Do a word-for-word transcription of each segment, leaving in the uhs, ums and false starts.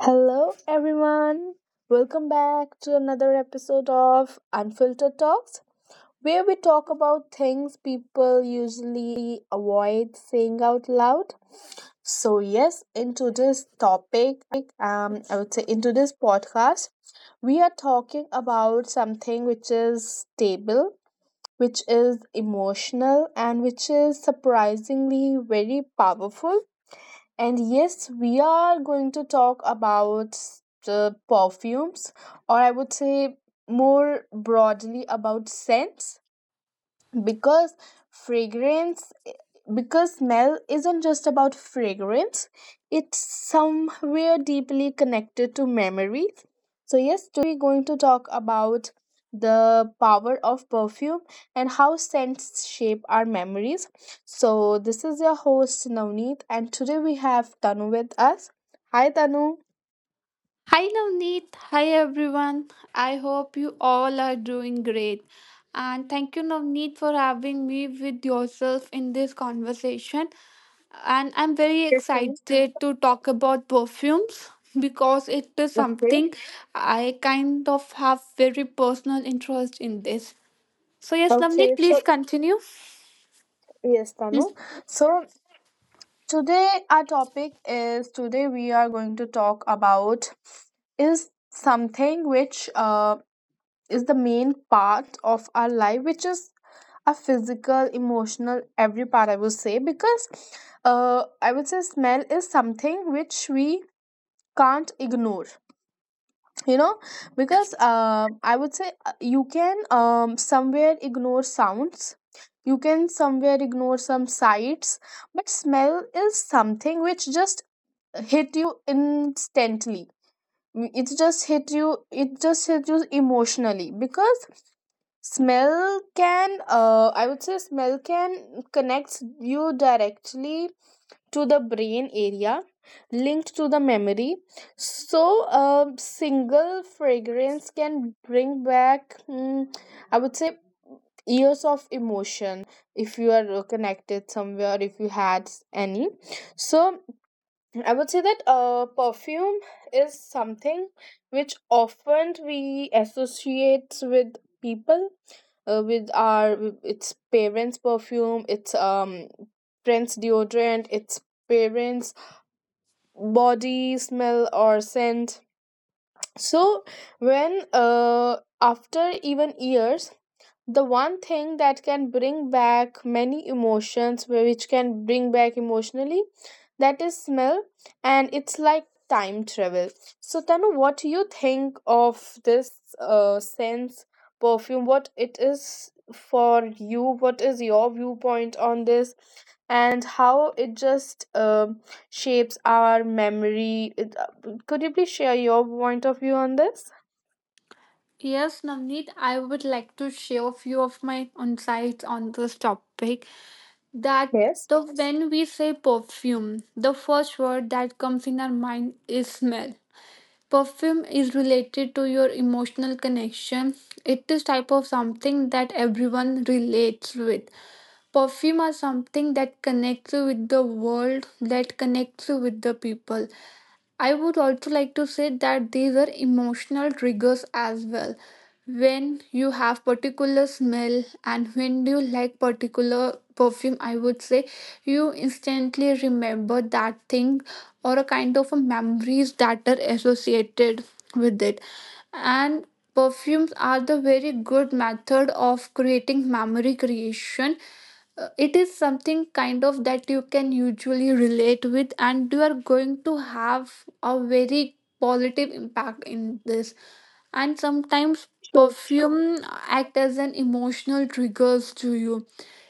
Hello, everyone. Welcome back to another episode of Unfiltered Talks, where we talk about things people usually avoid saying out loud. So, yes, into this topic, um, I would say into this podcast, we are talking about something which is stable, which is emotional, and which is surprisingly very powerful. And yes, we are going to talk about the perfumes, or I would say more broadly about scents, because fragrance, because smell isn't just about fragrance, it's somewhere deeply connected to memory. So yes, today we're going to talk about the power of perfume and how scents shape our memories. So this is your host Navneet, and today we have Tanu with us. Hi Tanu. Hi Navneet, hi everyone. I hope you all are doing great. And thank you Navneet for having me with yourself in this conversation. And I'm very Yes Tanu. excited to talk about perfumes because it is Okay, something I kind of have very personal interest in this. So yes okay. Navneet, please So continue. yes Tanu, so today, our topic is today we are going to talk about is something which uh, is the main part of our life, which is a physical, emotional, every part I would say, because uh, I would say smell is something which we can't ignore, you know, because uh, I would say uh, you can um, somewhere ignore sounds, you can somewhere ignore some sights, but smell is something which just hit you instantly. Mm, it just hit you it just hit you emotionally, because smell can uh, I would say smell can connects you directly to the brain area linked to the memory. So a single fragrance can bring back, mm, I would say, years of emotion, if you are uh, connected somewhere, if you had any. So I would say that uh, perfume is something which often we associate with people, uh, with our, it's parents' perfume, it's um friends' deodorant, it's parents' body smell or scent. So when uh after even years, the one thing that can bring back many emotions, wh- which can bring back emotionally, that is smell, and it's like time travel. So Tanu, what do you think of this uh, sense, perfume? What it is for you? What is your viewpoint on this, and how it just um shapes our memory it, uh, could you please share your point of view on this? Yes, Navneet, I would like to share a few of my insights on this topic. That Yes. the When we say perfume, the first word that comes in our mind is smell. Perfume is related to your emotional connection. It is type of something that everyone relates with. Perfume are something that connects you with the world, that connects you with the people. I would also like to say that these are emotional triggers as well. When you have particular smell and when you like particular perfume, I would say you instantly remember that thing or a kind of a memories that are associated with it. And perfumes are the very good method of creating memory creation. Uh, It is something kind of that you can usually relate with, and you are going to have a very positive impact in this. And sometimes Sure. perfume act as an emotional triggers to you.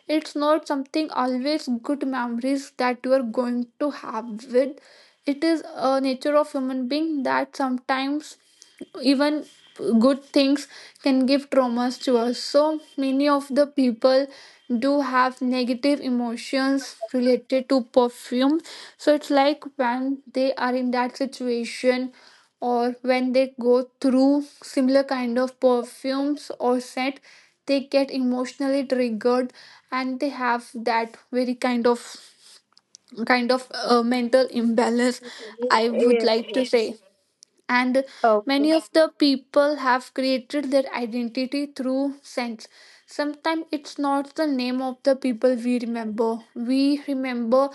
It's not something always good memories that you are going to have with. It is a nature of human being that sometimes even good things can give traumas to us. So many of the people do have negative emotions related to perfume. So it's like when they are in that situation or when they go through similar kind of perfumes or scent, they get emotionally triggered and they have that very kind of kind of uh, mental imbalance, I would Yes, like to yes. say. And many Okay. of the people have created their identity through scents. Sometimes it's not the name of the people we remember, we remember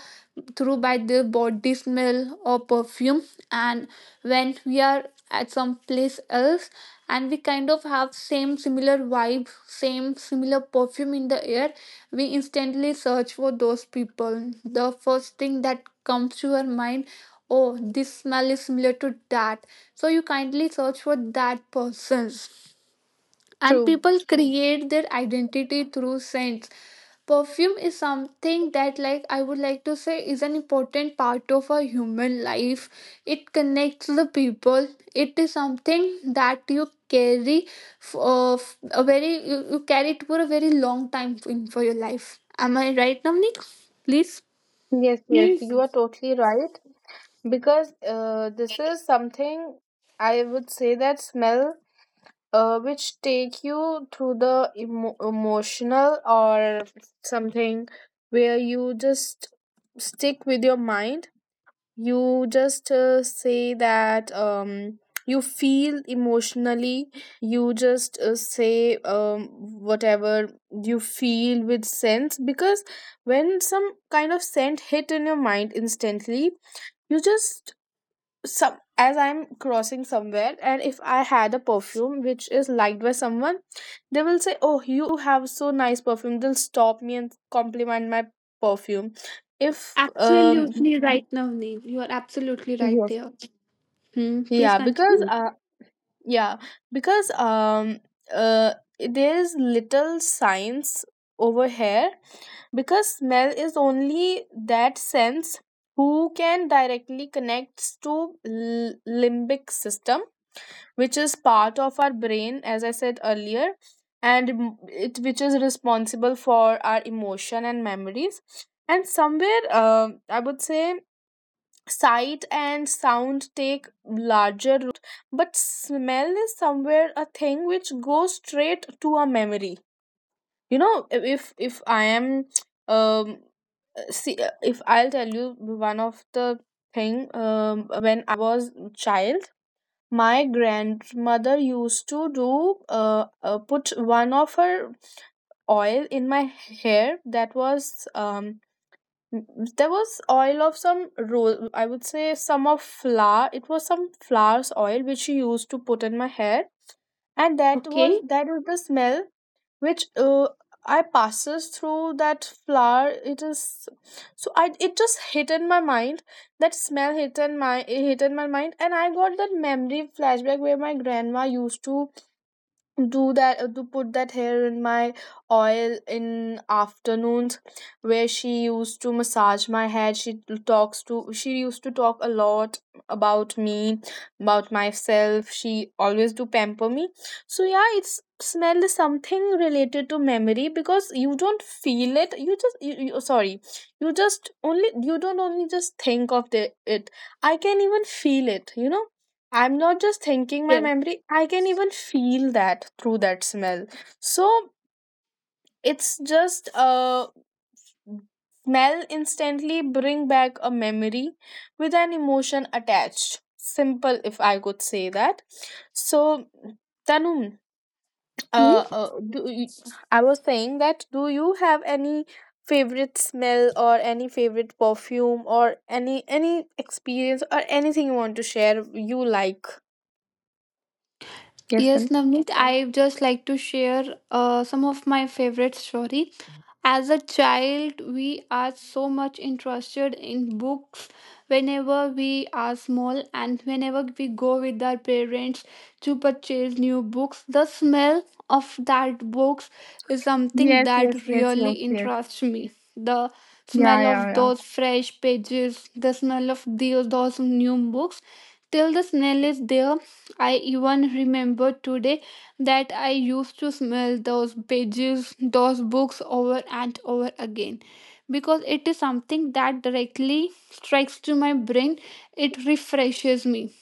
through by their body smell or perfume. And when we are at some place else and we kind of have same similar vibe, same similar perfume in the air, we instantly search for those people. The first thing that comes to our mind, oh, this smell is similar to that. So you kindly search for that person's. And True. people create their identity through scents. Perfume is something that, like I would like to say, is an important part of our human life. It connects the people. It is something that you carry for uh, f- a very you, you carry it for a very long time in for your life. Am I right, Namnik, please? Yes, yes, Yes. you are totally right. Because uh, this is something I would say that smell uh, which take you through the emo- emotional or something where you just stick with your mind, you just uh, say that um, you feel emotionally, you just uh, say um, whatever you feel with sense, because when some kind of scent hit in your mind instantly, you just some as I'm crossing somewhere, and if I had a perfume which is liked by someone, they will say, oh, you you have so nice perfume, they'll stop me and compliment my perfume if um Absolutely right, Navneet. You are absolutely right there. Hmm. Please yeah, because continue. uh yeah, because um uh there is little science over here, because smell is only that sense who can directly connects to l- limbic system, which is part of our brain as I said earlier, and m- it which is responsible for our emotion and memories, and somewhere um I would say sight and sound take larger root, but smell is somewhere a thing which goes straight to a memory, you know. If if I am um see, if I'll tell you one of the thing, um, when I was child, my grandmother used to do uh, uh, put one of her oil in my hair. That was um N- there was oil of some ro- I would say some of flour, it was some flowers oil which she used to put in my hair, and that was Okay. that was the smell which uh, I passes through that flower it is. So I it just hit in my mind, that smell hit in my, it hit in my mind, and I got that memory flashback where my grandma used to do that, uh, to put that hair in my oil in afternoons, where she used to massage my head, she talks to, she used to talk a lot about me, about myself, she always do pamper me. So yeah, it's smell is something related to memory, because you don't feel it, you just you, you, oh, sorry, you just only, you don't only just think of the, it, I can even feel it, you know. I'm not just thinking my Yes. memory, I can even feel that through that smell. So it's just a smell instantly bring back a memory with an emotion attached. Simple, if I could say that. So, Tanum, Hmm? uh, uh, do you, I was saying that, do you have any favorite smell or any favorite perfume or any any experience or anything you want to share you like? Yes, Yes, Tanum. Navneet. I just like to share uh, some of my favorite story. As a child, we are so much interested in books whenever we are small and whenever we go with our parents to purchase new books. The smell of that books is something Yes, yes, that yes, really yes, yes. interests me. The Yeah, smell yeah, of yeah. those fresh pages, the smell of those, those new books. Till the smell is there, I even remember today that I used to smell those pages, those books over and over again. Because it is something that directly strikes to my brain, it refreshes me.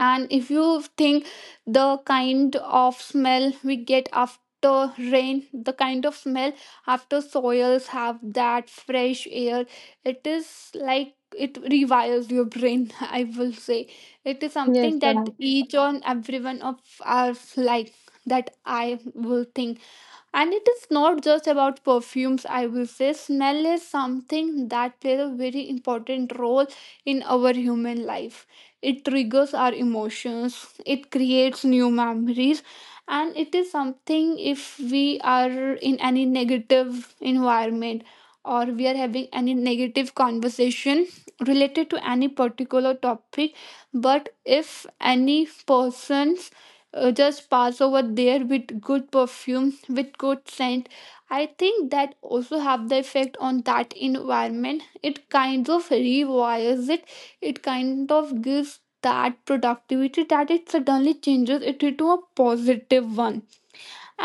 And if you think the kind of smell we get after rain, the kind of smell after soils have that fresh air, it is like it rewires your brain, I will say. It is Yes, something that Tanu. each and every one of us like that I will think. And it is not just about perfumes, I will say. Smell is something that plays a very important role in our human life. It triggers our emotions, it creates new memories. And it is something, if we are in any negative environment or we are having any negative conversation related to any particular topic, but if any person uh, just pass over there with good perfume, with good scent, I think that also have the effect on that environment. It kind of rewires it, it kind of gives that productivity that it suddenly changes it into a positive one.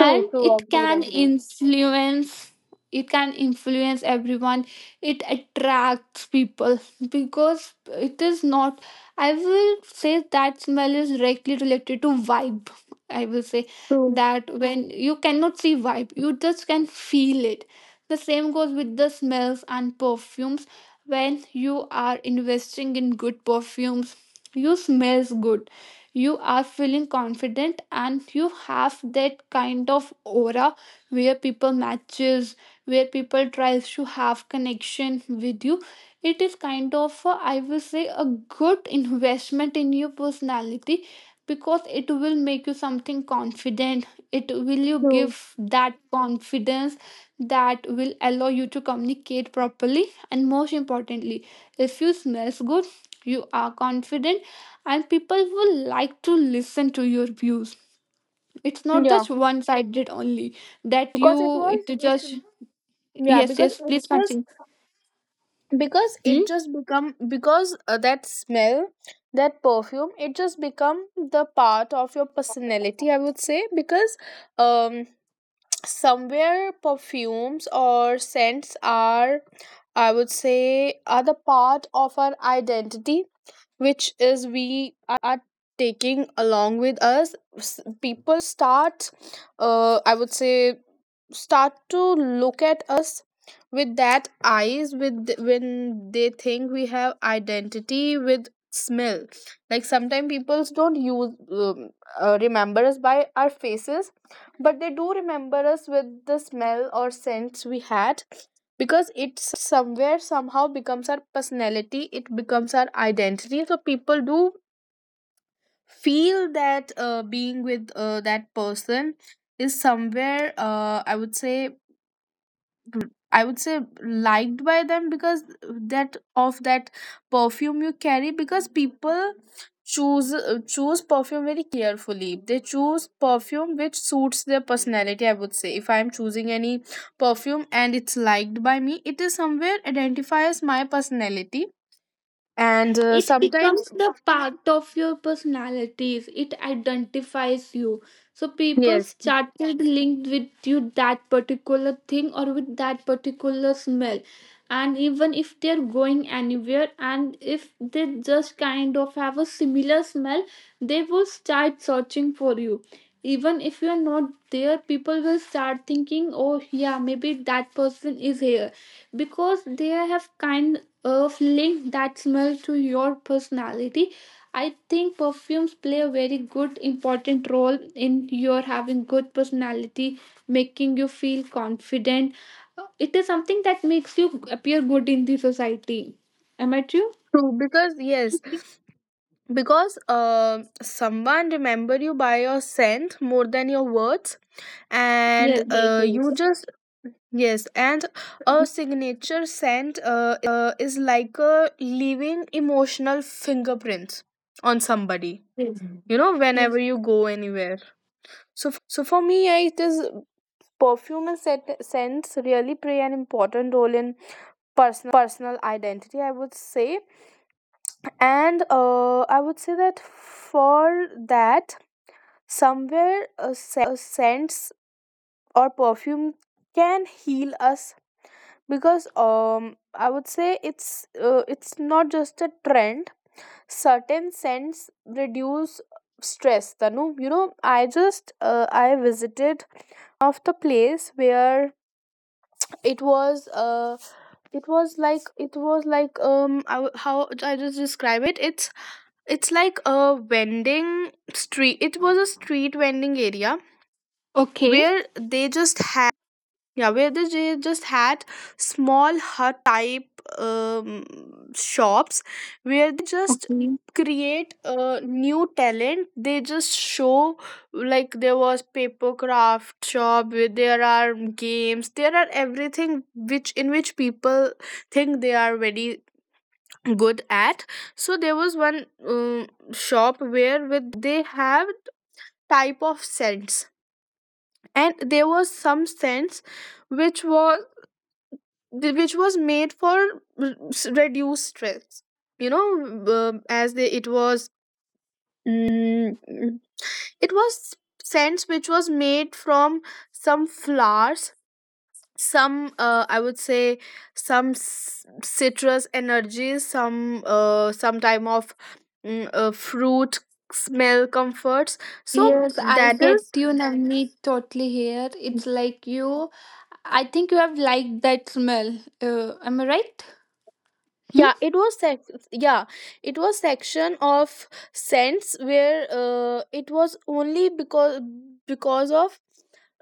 True, true, it agreed, can agreed. influence, it can influence everyone. It attracts people. Because it is not, I will say that smell is directly related to vibe. I will say True, that when you cannot see vibe, you just can feel it. The same goes with the smells and perfumes. When you are investing in good perfumes, you smells good, you are feeling confident, and you have that kind of aura where people matches, where people tries to have connection with you. It is kind of a, I will say, a good investment in your personality, because it will make you something confident. It will you true. give that confidence that will allow you to communicate properly. And most importantly, if you smells good, you are confident and people will like to listen to your views. It's not Yeah. just one sided only that Because it you was it it just. yeah, Yes, because yes, it please just, continue. because it Hmm? just become, because uh, that smell, that perfume, it just become the part of your personality, I would say, because um somewhere perfumes or scents are, I would say are the part of our identity, which is we are taking along with us. S- people start uh, I would say start to look at us with that eyes with th- when they think we have identity with smell. Like sometimes people don't use um, uh, remember us by our faces, but they do remember us with the smell or scents we had, because it somewhere somehow becomes our personality, it becomes our identity. So people do feel that uh, being with uh, that person is somewhere uh, i would say r- I would say liked by them, because that of that perfume you carry, because people choose uh, choose perfume very carefully. They choose perfume which suits their personality, I would say. If I am choosing any perfume and it's liked by me, it is somewhere identifies my personality. And uh, It sometimes becomes the part of your personalities. It identifies you, so people yes, started linked with you that particular thing or with that particular smell. And even if they're going anywhere and if they just kind of have a similar smell, they will start searching for you even if you're not there. People will start thinking, oh yeah, maybe that person is here, because they have kind of link that smell to your personality. I think perfumes play a very good important role in your having good personality, making you feel confident. Uh, It is something that makes you appear good in the society. Am I true? true, because yes, because uh, someone remember you by your scent more than your words. And Yes. Yes. uh, you Yes. just, yes, and a signature scent uh, is like a leaving emotional fingerprints on somebody, Yes. you know, Yes. whenever you go anywhere. So for me, yeah, it is perfume and scent, scents really play an important role in personal identity, I would say. And uh, I would say that for that, somewhere uh, scents or perfume can heal us, because um I would say it's uh, it's not just a trend, certain scents reduce stress. Tanu, you know, I just uh, I visited one of the place where it was uh it was like, it was like um I, w- how I just describe it, it's it's like a vending street. It was a street vending area Okay. where they just had, yeah, where they ju- just had small hut type um, shops where they just Okay. create a new talent. They just show, like there was paper craft shop where there are games. There are everything which in which people think they are very good at. So there was one um, shop where with this they have type of scents, and there was some scents which was th- which was made for r- s- reduced stress, you know, uh, as they, it was, mm, mm, it was scents which was made from some flowers, some uh, I would say some s- citrus energies, some uh, some type of mm, uh, fruit smell comforts. So Yes, I that get is, you, Navneet, totally here. It's like you, I think you have liked that smell. Uh, am I right? Hmm? yeah, it was sec- yeah, it was section of cents where uh, it was only because because of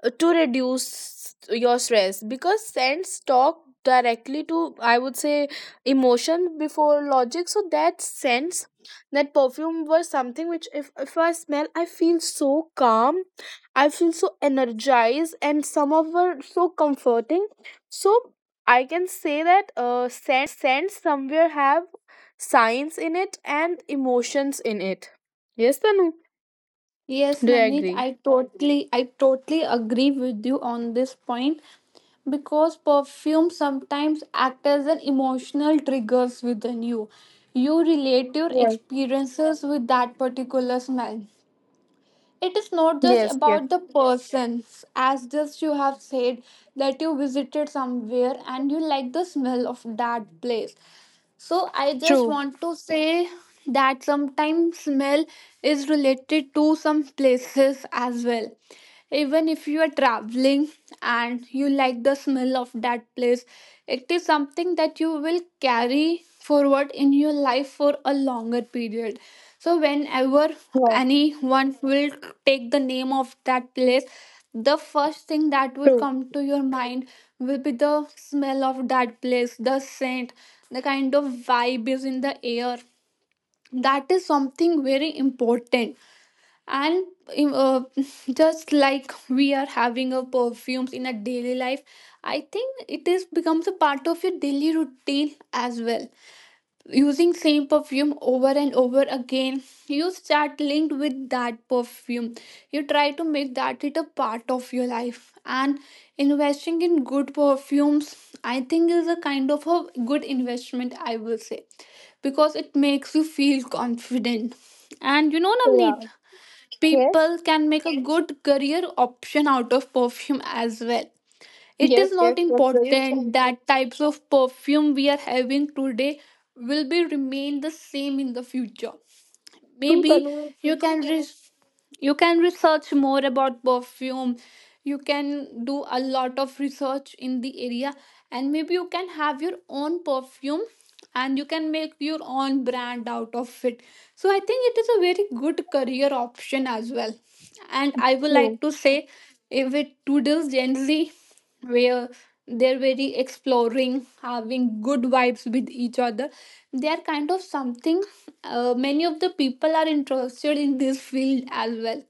uh, to reduce your stress, because sense talk directly to, I would say, emotion before logic. So that sense, that perfume, was something which if, if I smell, I feel so calm, I feel so energized, and some of were so comforting. So I can say that uh, scents somewhere have science in it and emotions in it. Yes, Tanu? Yes, Do you Navneet, agree? I totally I totally agree with you on this point because perfume sometimes act as an emotional triggers within you. You relate your Yes, experiences with that particular smell. It is not just yes, yes. about the persons, as just you have said that you visited somewhere and you like the smell of that place. So I just True. want to say that sometimes smell is related to some places as well. Even if you are traveling and you like the smell of that place, it is something that you will carry forward in your life for a longer period. So whenever Yes, anyone will take the name of that place, the first thing that will true. come to your mind will be the smell of that place, the scent, the kind of vibe is in the air. That is something very important. And um, uh, just like we are having a perfumes in a daily life, I think it is becomes a part of your daily routine as well. Using same perfume over and over again, you start linked with that perfume, you try to make that it a part of your life. And investing in good perfumes, I think is a kind of a good investment, I will say, because it makes you feel confident. And you know Navneet, Yeah. Yes, people can make a good career option out of perfume as well. It is yes, yes. not That's very true. important that types of perfume we are having today will be remain the same in the future. True, Maybe Tanu. you True. can re- you can research more about perfume. You can do a lot of research in the area, and maybe you can have your own perfume and you can make your own brand out of it. So I think it is a very good career option as well. And I would True. like to say if it to this Gen Z where they're very exploring, having good vibes with each other. They are kind of something. Uh, many of the people are interested in this field as well.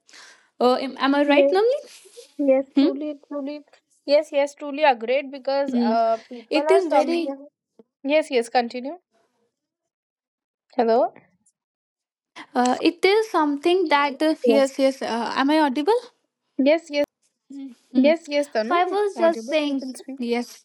Uh, am, am I right, Yes, Namli? yes. Hmm? Truly, truly. Yes, yes. Truly agreed, because Hmm. uh, people It are is very. sometimes. Yes, yes. Continue. Hello. Uh, it is something that uh, Yes. yes, yes. Uh, am I audible? Hmm. Yes, yes. So Tanu, I was just audible. You saying can speak. yes.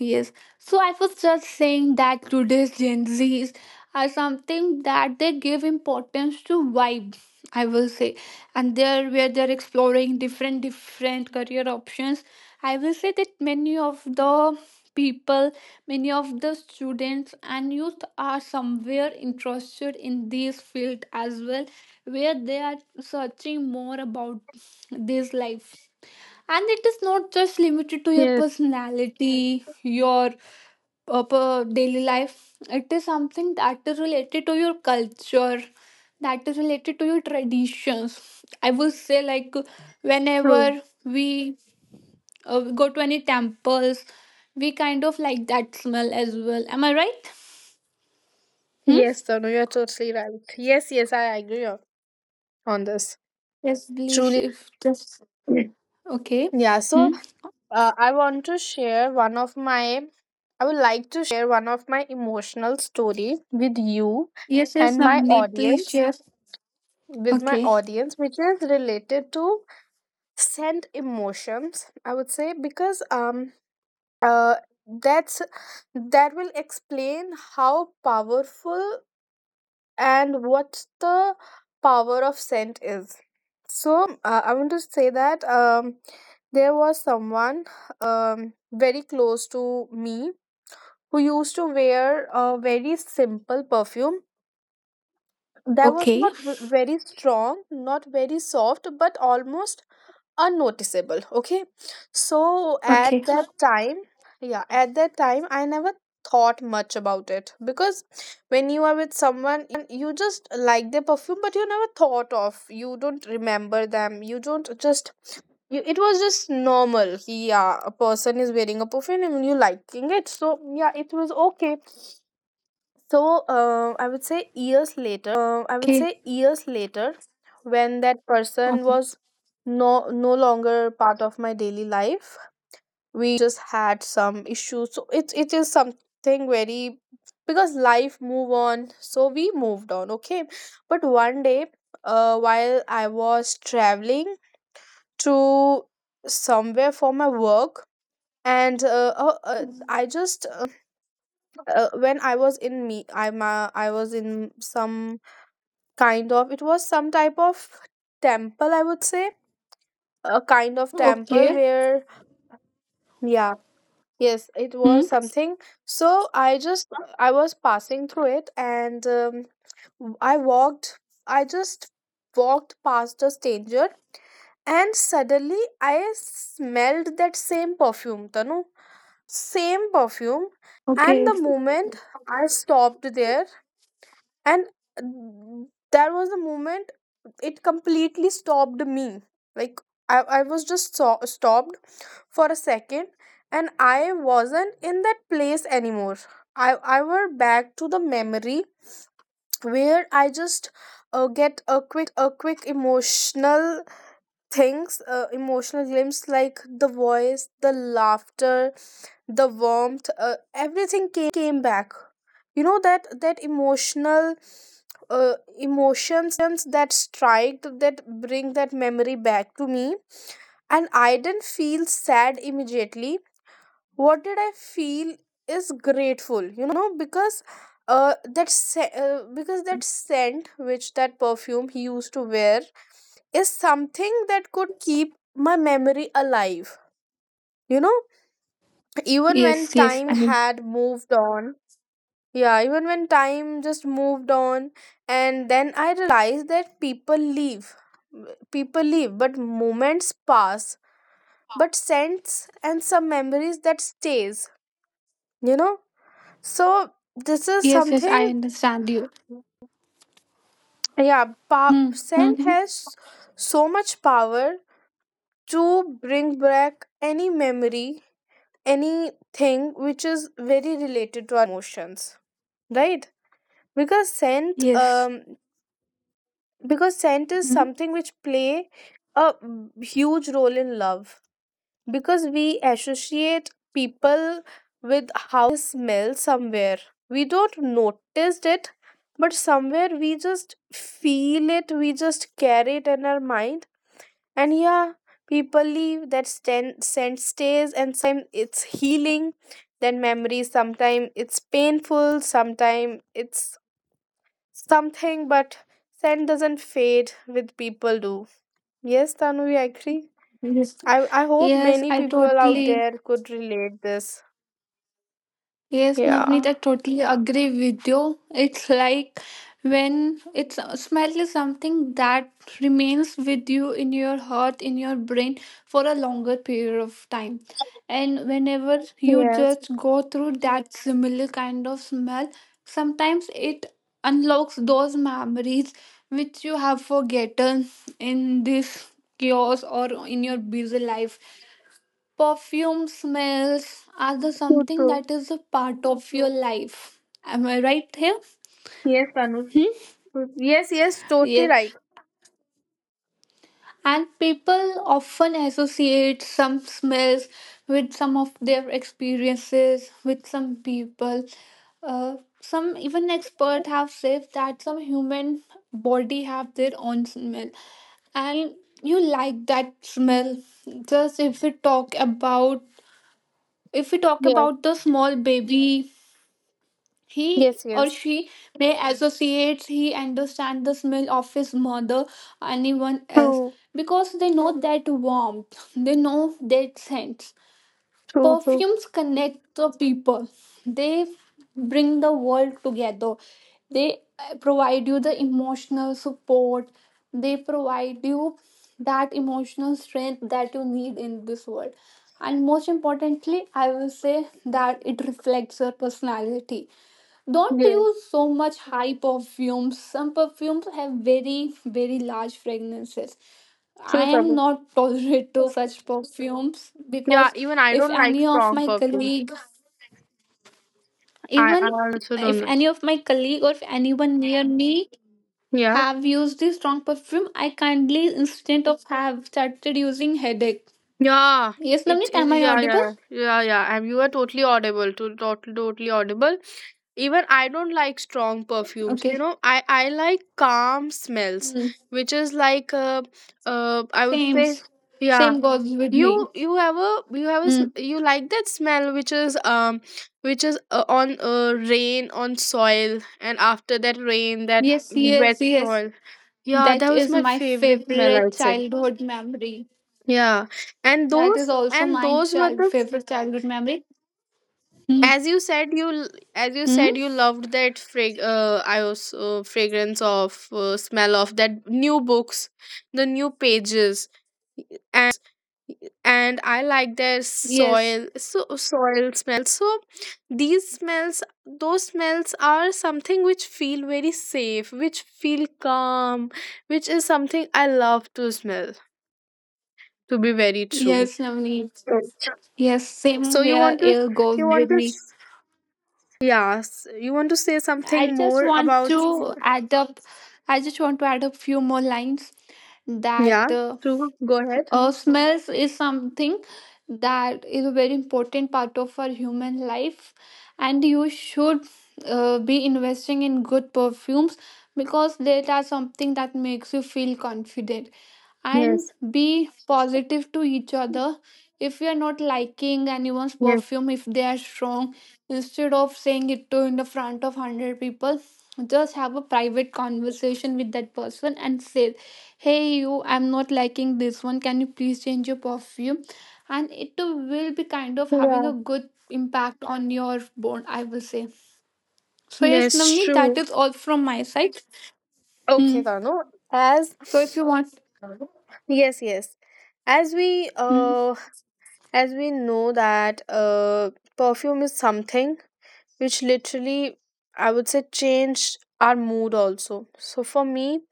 Yes. So I was just saying that today's Gen Zs are something that they give importance to vibe, I will say. And they're where they're exploring different different career options. I will say that many of the people, many of the students and youth are somewhere interested in this field as well, where they are searching more about this life. And it is not just limited to your Yes, personality, your uh, per- daily life. It is something that is related to your culture, that is related to your traditions. I will say, like, true. whenever we uh, go to any temples, we kind of like that smell as well. Am I right? Hmm? Yes, Tanu, you're totally right. Yes, yes, I agree on on this. Yes, please. Truly said. If just okay. Yeah, so Hmm? uh, I want to share one of my, I would like to share one of my emotional story with you Yes, yes, and my Namni, please audience, share. with my Okay, audience, which is related to scent emotions, I would say, because um uh that's, that will explain how powerful and what the power of scent is. So uh, I want to say that um, there was someone um, very close to me who used to wear a very simple perfume that was okay, not v- very strong, not very soft, but almost unnoticeable. Okay, so at okay, that time, yeah, at that time I never thought much about it, because when you are with someone you just like their perfume, but you never thought of, you don't remember them, you don't just you, it was just normal. Yeah, a person is wearing a perfume and you liking it, so yeah, it was okay. So uh, I would say okay, years later when that person was no no longer part of my daily life, we just had some issues, so it it is something very, because life move on, so we moved on. Okay, but one day uh, while I was traveling to somewhere for my work, and uh, uh, uh, I just um, uh, when I was in me, i'm uh, I was in some kind of, it was some type of temple, I would say, a kind of temple okay. where, yeah. Yes, it was Hmm? something. So I just, I was passing through it, and um, I walked, I just walked past a stranger, and suddenly I smelled that same perfume, Tanu. It was same perfume, and Okay. the moment I stopped there and mm, that was the moment it completely stopped me. Like i, I was just so- stopped for a second, and I wasn't in that place anymore. I i were back to the memory where I just uh, get a quick emotional things, uh, emotional glimpses, like the voice, the laughter, the warmth, uh, everything came back, you know, that that emotional uh, emotions, that strike that bring that memory back to me. And I didn't feel sad immediately. What did I feel is grateful, you know, because uh that se- uh, because that scent, which that perfume he used to wear, is something that could keep my memory alive, you know, even when Yes, yes. time I mean, had moved on. Yeah, even when time just moved on. And then I realized that people leave, people leave, but moments pass, but scents and some memories, that stays, you know. So this is yes, yes, something. I understand you. Yeah, pa- Hmm. scent Mm-hmm. has so much power to bring back any memory, anything which is very related to our emotions, right? Because scent, Yes. um, because scent is Hmm? something which play a huge role in love, because we associate people with how they smell somewhere. We don't notice it, but somewhere we just feel it, we just carry it in our mind. And yeah, people leave, that sten- scent stays, and sometimes it's healing, then memory, sometimes it's painful, sometimes it's something, but scent doesn't fade with people do. Yes, Tanu, I agree. Yes. I I hope Yes, many I people out totally there could relate this. Yes, Navneet, Yeah. I totally agree with you. It's like when it's smell is something that remains with you in your heart, in your brain for a longer period of time. And whenever you Yes. just go through that similar kind of smell, sometimes it unlocks those memories which you have forgotten in this chaos or in your busy life. Perfume, smells are the True. something True. that is a part of your life. Am I right here? Yes, Tanu. Hmm? True. Yes. Yes. Totally right. Yes, and people often associate some smells with some of their experiences with some people. Uh, some even expert have said that some human body have their own smell, and you like that smell. Just if we talk about, if we talk Yes. about the small baby, he Yes. or Yes. she may associate, he understand the smell of his mother, anyone else, True. because they know that warmth, they know that sense. True. True. Perfumes connect the people, they bring the world together, they uh, provide you the emotional support, they provide you that emotional strength that you need in this world. And most importantly, I will say that it reflects your personality. Don't Yes. use so much high perfumes. Some perfumes have very very large fragrances. True, I am Tanu. not tolerate to such perfumes, Yeah. because Even I if don't like any of strong my perfumes. colleague, I I even also don't. if like- any of my colleague or if anyone near me Yeah. have used this strong perfume, I kindly instead of have started using headache. Yeah, Yes it Navneet, it am I Yeah, audible? yeah, yeah, yeah. And you are totally audible. To Totally, totally audible. Even I don't like strong perfumes. You Okay. know, I I like calm smells, Hmm. which is like uh, uh I would same say, yeah. same goes with me. You you have a, you have a Hmm. s- you like that smell which is um which is uh, on uh, rain on soil, and after that rain that Yes, yes, wet yes. soil. Yeah, that That was is my my favorite smell, I favorite would say. childhood memory. Yeah, and That is those, also and my those were child the, favorite childhood memory. Hmm. as you said you l- as you Hmm? said you loved that frag uh, I was uh, fragrance of uh, smell of that new books, the new pages, and I like their Yes. soil, so soil smell. So these smells, those smells are something which feel very safe, which feel calm, which is something I love to smell. To be very true. Yes, Navneet. Okay. Yes, same So you here. want to, It goes you want with to, me. yes, you want to say something I just more want about? to add up. I just want to add up few more lines Yeah, that uh, true. Go ahead. uh, smells is something that is a very important part of our human life and you should uh, be investing in good perfumes, because they are something that makes you feel confident. And Yes. be positive to each other. If you are not liking anyone's Yes. perfume, if they are strong, instead of saying it to in the front of one hundred people, just have a private conversation with that person and say, hey you, I'm not liking this one, can you please change your perfume? And it too will be kind of having Yeah. a good impact on your bond, I will say. So yes Yes, Namni, that true. is all from my side. Okay, Hmm. Tanu. As So if you want. yes, yes. As we Hmm. uh as we know that uh perfume is something which literally, I would say, changed our mood also. So for me,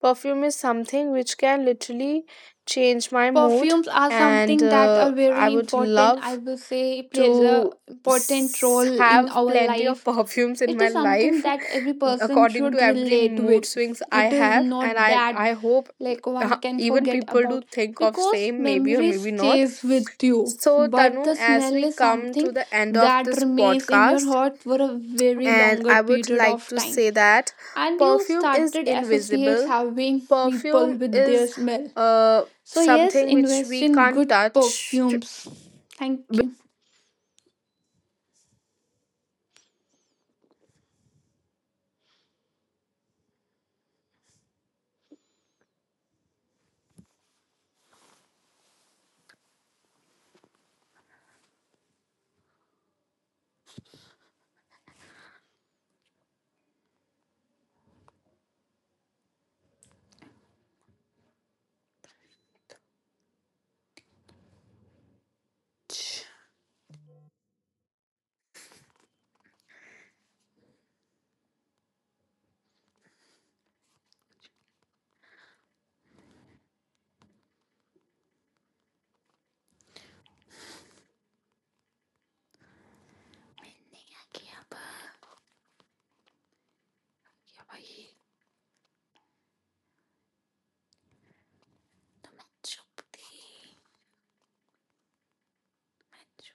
perfume is something which can literally change my mood. Perfumes are And something that are uh, very I would important, I love will say, plays a to important s- role in have our plenty life. of perfumes in It my is something life that every person according to should every relate mood with. swings I It is have. not And i that i hope like one uh, can even forget people do about, think of because same, maybe or memory maybe not. stays with you, So but Tanu, the as we smell is come to something the end of that this remains in your podcast, heart for a very and longer I would period like of to time, say that and you perfume is started associates invisible. having people Perfume with their is smell. uh So yes, something which invest we in can't good touch. perfumes. Thank you.